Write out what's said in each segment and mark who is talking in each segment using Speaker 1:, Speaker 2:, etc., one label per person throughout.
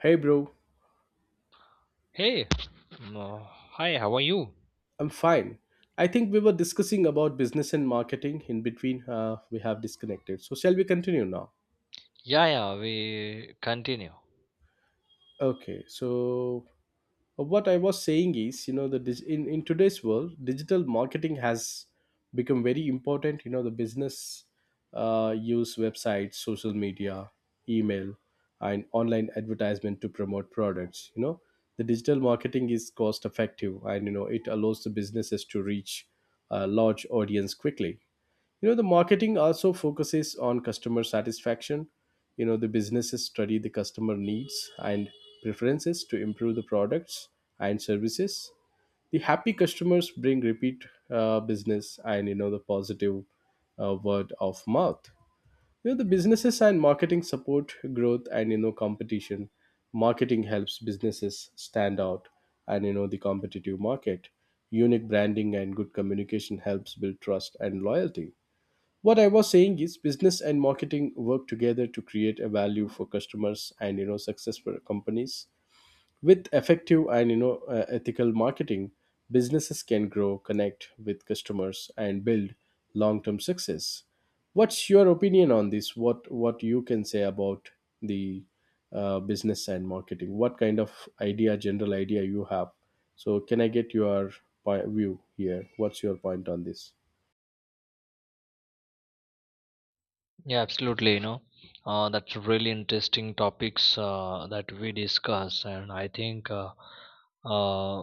Speaker 1: Hey, bro.
Speaker 2: Hey, no, hi, how are you?
Speaker 1: I'm fine. I think we were discussing about business and marketing. In between, we have disconnected. So, shall we continue now?
Speaker 2: Yeah, yeah, we continue.
Speaker 1: Okay. So, what I was saying is in today's world digital marketing has become very important. You know, the business use websites, social media, email, and online advertisement to promote products. You know, the digital marketing is cost effective, and you know, it allows the businesses to reach a large audience quickly. You know, the marketing also focuses on customer satisfaction. You know, the businesses study the customer needs and preferences to improve the products and services. The happy customers bring repeat business, and you know, the positive word of mouth. You know, the businesses and marketing support growth and you know, competition. Marketing helps businesses stand out and you know, the competitive market. Unique branding and good communication helps build trust and loyalty. What I was saying is business and marketing work together to create a value for customers, and you know, successful companies with effective and ethical marketing, businesses can grow, connect with customers, and build long term success. What's your opinion on this? What you can say about the business and marketing? What kind of idea, general idea, you have? So can I get your point view here? What's your point on this?
Speaker 2: Yeah, absolutely. You know, that's really interesting topics that we discuss, and I think, uh,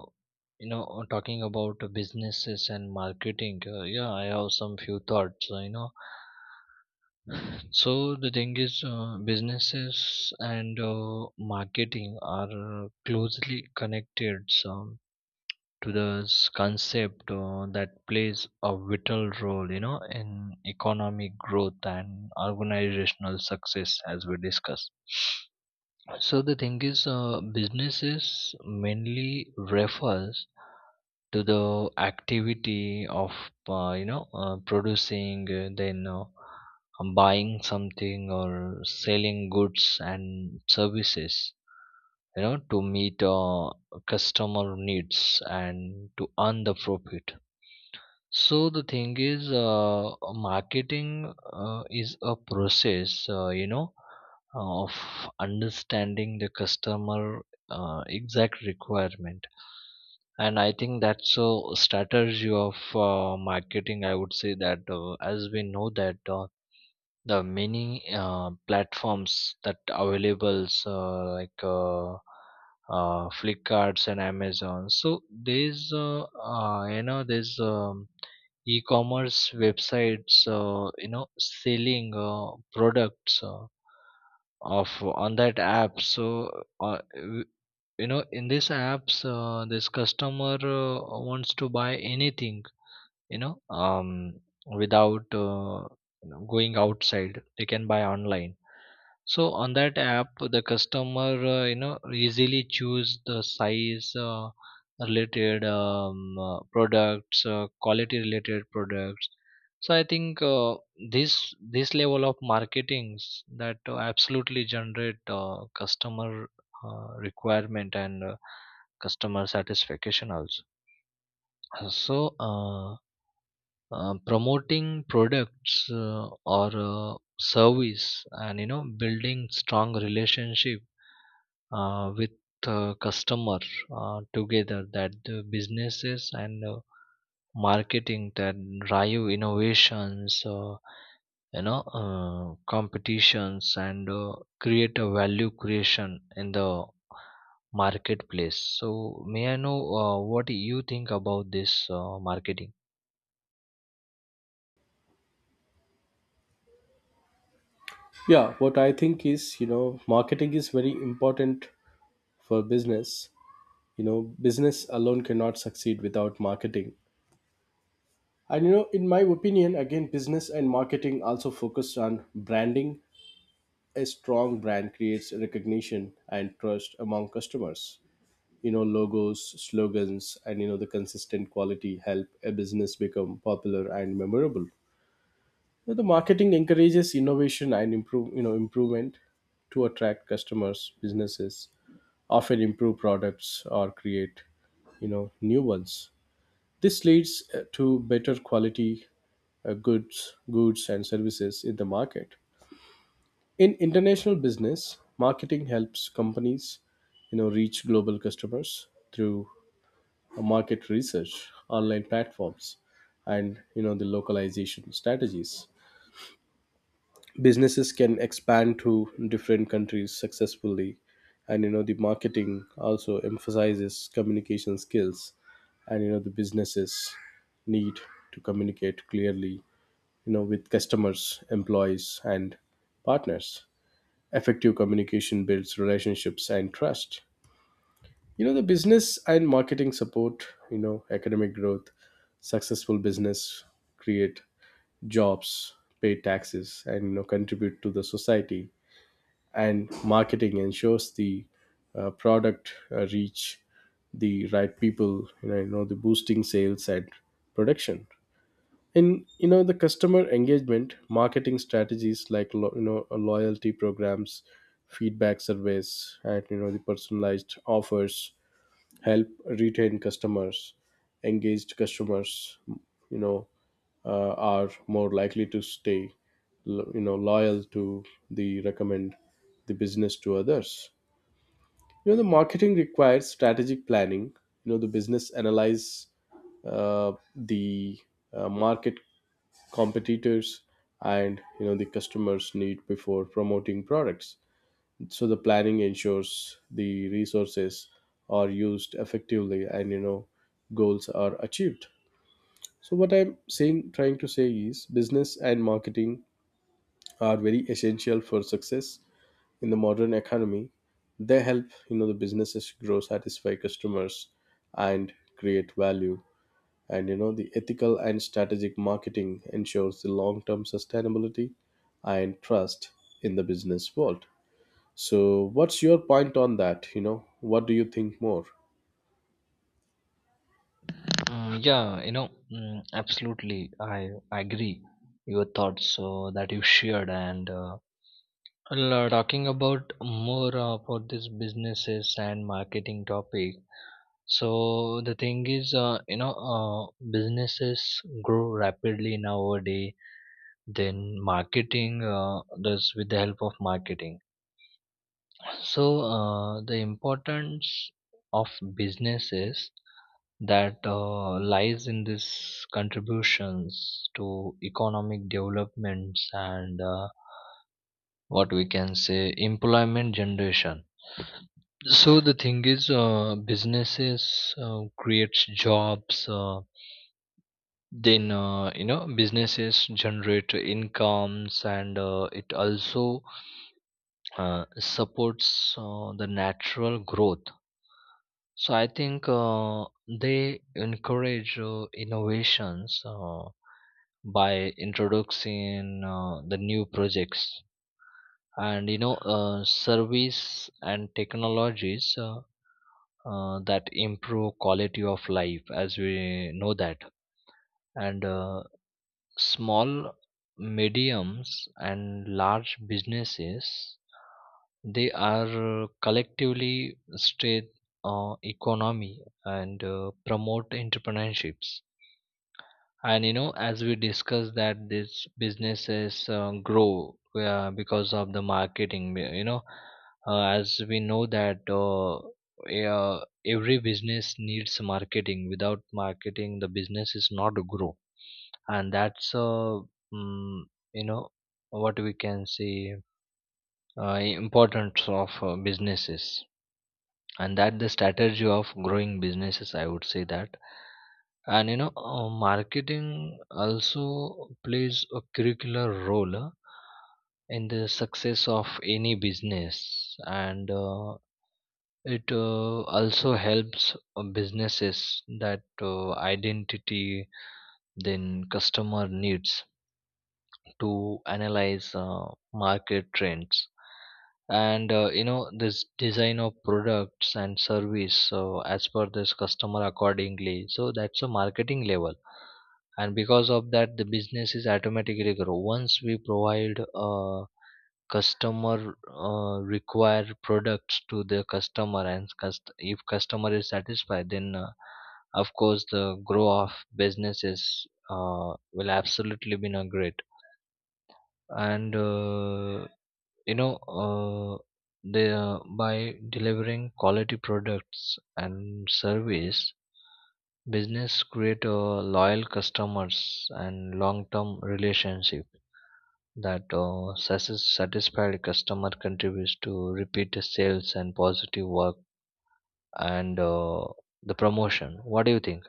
Speaker 2: you know, talking about businesses and marketing. Yeah, I have some few thoughts. You know, so the thing is, businesses and marketing are closely connected. So to the concept that plays a vital role, you know, in economic growth and organizational success, as we discussed. So the thing is, businesses mainly refers to the activity of you know producing, then buying something or selling goods and services. You know, to meet customer needs and to earn the profit. So the thing is, marketing is a process, you know, of understanding the customer exact requirement, and I think that's a strategy of marketing. I would say that as we know that. The many platforms that available like Flipkarts and Amazon. So there's you know, there's e-commerce websites you know, selling products of on that app. So uh, w- you know, in these apps this customer wants to buy anything, you know, um without you know, going outside, they can buy online, so on that app the customer, you know, easily choose the size, related products, quality related products. So I think, this this level of marketings that absolutely generate customer requirement and customer satisfaction also. Uh, so uh, promoting products or service and you know, building strong relationship with customer, together that the businesses and marketing that drive innovations, you know, competitions and create a value creation in the marketplace. So may I know what you think about this marketing?
Speaker 1: Yeah, what I think is, you know, marketing is very important for business. You know, business alone cannot succeed without marketing. And, you know, in my opinion, again, business and marketing also focus on branding. A strong brand creates recognition and trust among customers. You know, logos, slogans, and, you know, the consistent quality help a business become popular and memorable. Now, the marketing encourages innovation and improve, you know, improvement to attract customers. Businesses often improve products or create you know, new ones. This leads to better quality goods, and services in the market. In international business, marketing helps companies you know, reach global customers through market research, online platforms, and you know, the localization strategies. Businesses can expand to different countries successfully. And you know, the marketing also emphasizes communication skills, and you know, the businesses need to communicate clearly, you know, with customers, employees, and partners. Effective communication builds relationships and trust. You know, the business and marketing support you know, economic growth. Successful business create jobs, pay taxes, and you know, contribute to the society. And marketing ensures the product reach the right people, you know the boosting sales and production. And you know, the customer engagement marketing strategies like you know, loyalty programs, feedback surveys, and you know, the personalized offers help retain customers. Engaged customers, you know, are more likely to stay you know, loyal to the recommend the business to others. You know, the marketing requires strategic planning. You know, the business analyze the market, competitors, and you know, the customers need before promoting products. So the planning ensures the resources are used effectively, and you know, goals are achieved. So what I'm saying trying to say is business and marketing are very essential for success in the modern economy. They help you know, the businesses grow, satisfy customers, and create value. And you know, the ethical and strategic marketing ensures the long term sustainability and trust in the business world. So, what's your point on that? You know, what do you think more?
Speaker 2: Yeah, you know, mm, absolutely. I agree. Your thoughts that you shared, and well, talking about more about this businesses and marketing topic. So the thing is, you know, businesses grow rapidly nowadays. Then marketing does with the help of marketing. So the importance of businesses that lies in these contributions to economic developments and, what we can say, employment generation. So the thing is, businesses creates jobs, then, you know, businesses generate incomes, and it also supports the natural growth. So I think they encourage innovations by introducing the new projects and, you know, service and technologies that improve quality of life as we know that. And small, mediums and large businesses, they are collectively state economy and promote entrepreneurships. And you know, as we discussed, that this businesses grow because of the marketing, you know, as we know that, every business needs marketing. Without marketing the business is not grow. And that's, mm, you know, what we can say, uh, importance of businesses, and that the strategy of growing businesses, I would say that. And you know, marketing also plays a curricular role in the success of any business. And it also helps businesses that identity then customer needs, to analyze market trends, and, you know, this design of products and service, so as per this customer accordingly. So that's a marketing level, and because of that the business is automatically grow once we provide customer require products to the customer. And if customer is satisfied, then of course the growth of businesses will absolutely be not great. And, you know, they, by delivering quality products and service, business create loyal customers and long term relationship. That, satisfied customer contributes to repeat sales and positive work, and the promotion. What do you think?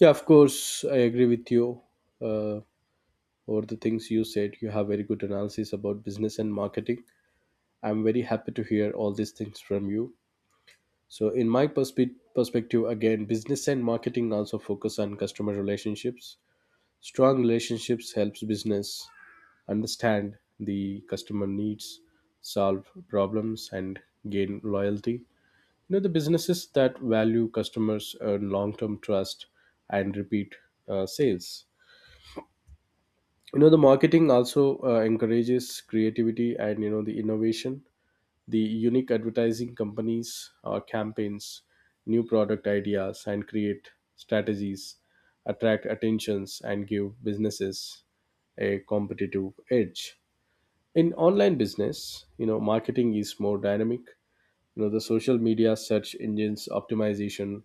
Speaker 1: Yeah, of course, I agree with you uh, over the things you said. You have very good analysis about business and marketing. I'm very happy to hear all these things from you. So, in my perspective, again, business and marketing also focus on customer relationships. Strong relationships helps business understand the customer needs, solve problems, and gain loyalty. You know, the businesses that value customers earn long term trust and repeat sales. You know, the marketing also encourages creativity and, you know, the innovation. The unique advertising companies or campaigns, new product ideas, and create strategies attract attentions and give businesses a competitive edge. In online business, you know, marketing is more dynamic. You know, the social media, search engines optimization,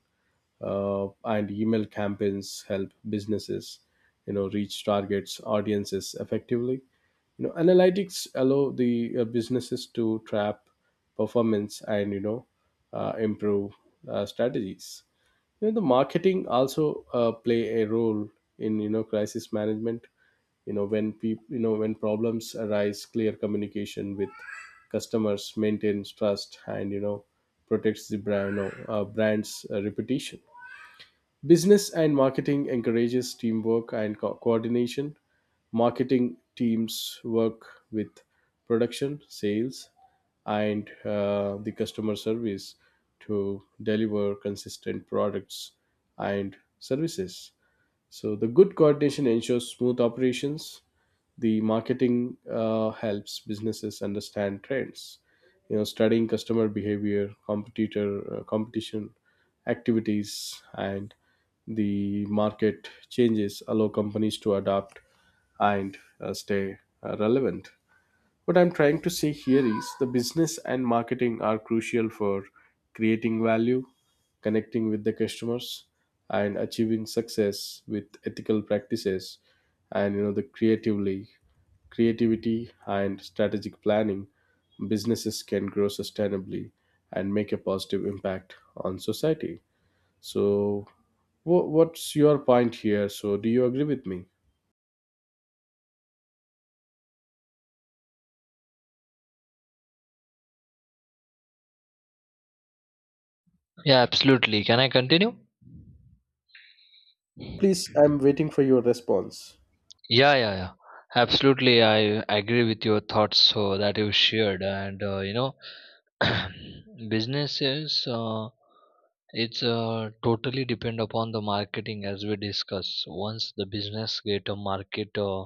Speaker 1: and email campaigns help businesses you know, reach targets audiences effectively. You know, analytics allow the businesses to track performance, and you know, improve strategies. You know, the marketing also play a role in you know, crisis management. You know, when problems arise, clear communication with customers maintains trust, and you know, protects the brand, you know, brand's reputation. Business and marketing encourages teamwork and coordination. Marketing teams work with production, sales, and the customer service to deliver consistent products and services. So, the good coordination ensures smooth operations. The marketing helps businesses understand trends. You know, studying customer behavior, competitor competition activities, and the market changes allow companies to adapt and stay relevant. What I'm trying to say here is the business and marketing are crucial for creating value, connecting with the customers, and achieving success with ethical practices. And you know, the creatively creativity and strategic planning, businesses can grow sustainably and make a positive impact on society. So what's your point here? So do you agree with me?
Speaker 2: Yeah, absolutely, can I continue?
Speaker 1: Please, I'm waiting for your response.
Speaker 2: Yeah, yeah, yeah, absolutely. I agree with your thoughts so that you shared. And, you know, businesses, it's totally depend upon the marketing. As we discuss, once the business get a market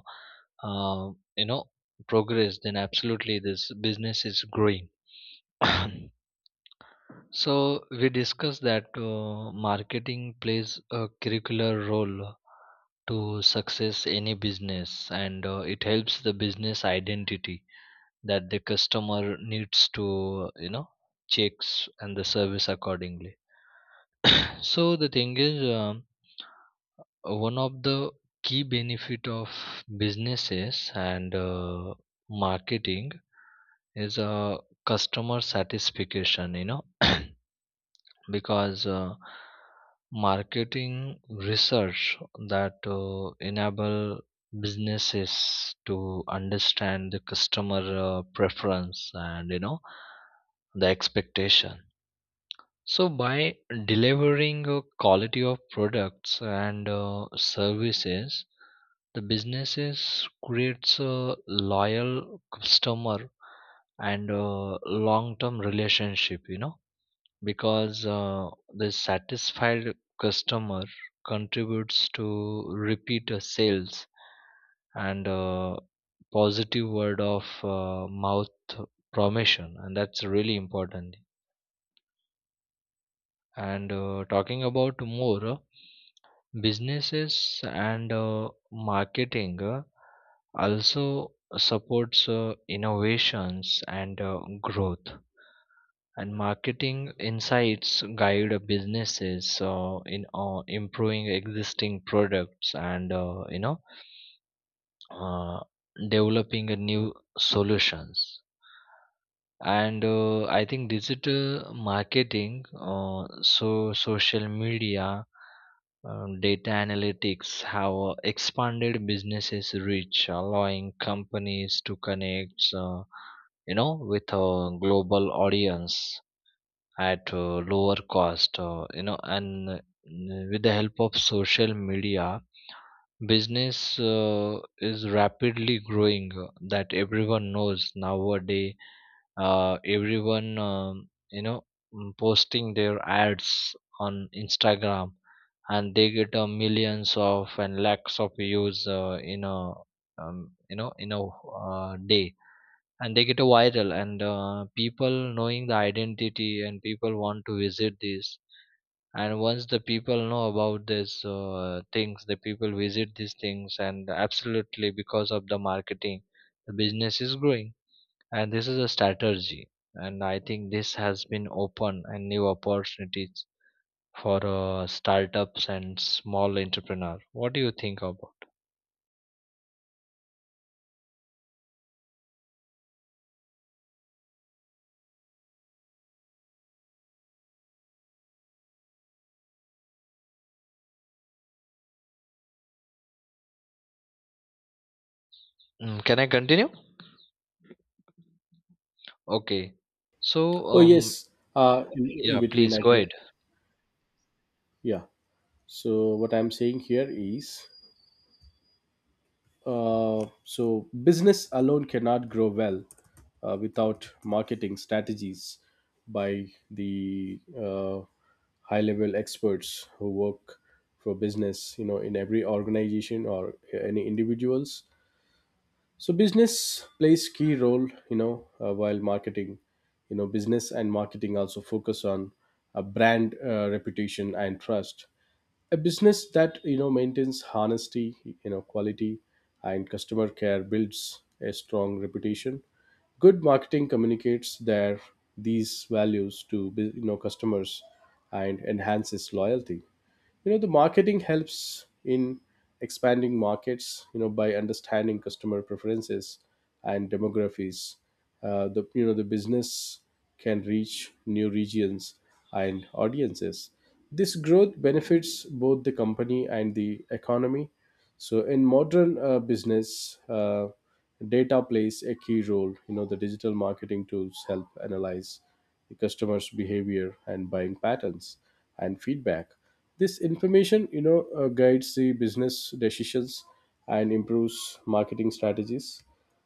Speaker 2: uh, you know, progress, then absolutely this business is growing. So we discussed that marketing plays a curricular role to success any business. And it helps the business identity, that the customer needs to, you know, checks and the service accordingly. So the thing is, one of the key benefit of businesses and marketing is customer satisfaction, you know. Because marketing research that enable businesses to understand the customer preference and, you know, the expectation. So by delivering a quality of products and services, the businesses creates a loyal customer and a long term relationship, you know, because the satisfied customer contributes to repeat sales and positive word of mouth promotion, and that's really important. And talking about more, businesses and marketing also supports innovations and growth. And marketing insights guide businesses in improving existing products and, you know, uh, developing a new solutions. And I think digital marketing, so social media, data analytics have expanded businesses reach, allowing companies to connect, you know, with a global audience at a lower cost. You know, and with the help of social media, business is rapidly growing. That everyone knows nowadays. Everyone, you know, mm, posting their ads on Instagram, and they get millions of and lakhs of views in a, you know, in a, day, and they get a viral. And people knowing the identity, and people want to visit this. And once the people know about this things, the people visit these things, and absolutely because of the marketing the business is growing. And this is a strategy, and I think this has been open and new opportunities for startups and small entrepreneur. What do you think about? Mm, can I continue? Okay. So,
Speaker 1: Oh yes, in
Speaker 2: yeah,
Speaker 1: between
Speaker 2: please
Speaker 1: I
Speaker 2: go
Speaker 1: can,
Speaker 2: ahead.
Speaker 1: yeah. So what I'm saying here is, so business alone cannot grow well without marketing strategies by the high-level experts who work for business. You know, in every organization or any individuals, so business plays key role, you know, while marketing, you know, business and marketing also focus on a brand reputation and trust. A business that you know, maintains honesty, you know, quality and customer care builds a strong reputation. Good marketing communicates their these values to you know, customers, and enhances loyalty. You know, the marketing helps in expanding markets. You know, by understanding customer preferences and demographics, the you know, the business can reach new regions and audiences. This growth benefits both the company and the economy. So in modern business, data plays a key role. You know, the digital marketing tools help analyze the customer's behavior and buying patterns and feedback. This information, you know, guides the business decisions and improves marketing strategies.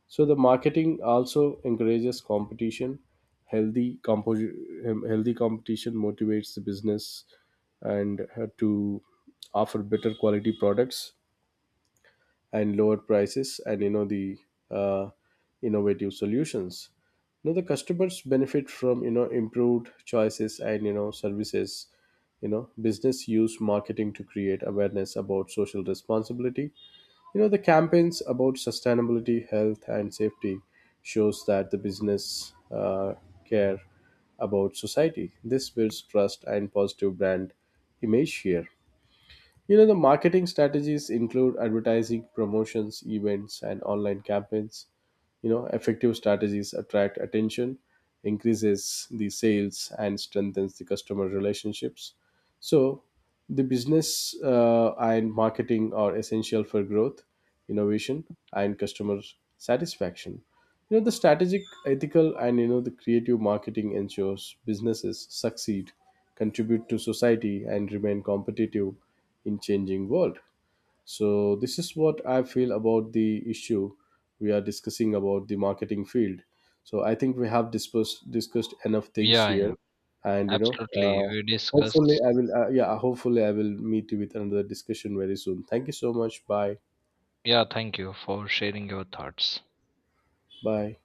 Speaker 1: So the marketing also encourages competition. healthy compo- healthy competition motivates the business, and to offer better quality products and lower prices, and you know, the uh, innovative solutions. You know, the customers benefit from you know, improved choices and you know, services. You know, business use marketing to create awareness about social responsibility. You know, the campaigns about sustainability, health and safety shows that the business care about society. This builds trust and positive brand image here. You know, the marketing strategies include advertising, promotions, events, and online campaigns. You know, effective strategies attract attention, increases the sales, and strengthens the customer relationships. So, the business and marketing are essential for growth, innovation, and customer satisfaction. You know, the strategic, ethical, and you know, the creative marketing ensures businesses succeed, contribute to society, and remain competitive in changing world. So this is what I feel about the issue we are discussing about the marketing field. So I think we have discussed enough things
Speaker 2: Yeah,
Speaker 1: here,
Speaker 2: yeah,
Speaker 1: and you know,
Speaker 2: absolutely.
Speaker 1: uh,
Speaker 2: We
Speaker 1: hopefully
Speaker 2: discussed.
Speaker 1: I will. Yeah, hopefully I will meet you with another discussion very soon. Thank you so much. Bye.
Speaker 2: Yeah, thank you for sharing your thoughts.
Speaker 1: Bye.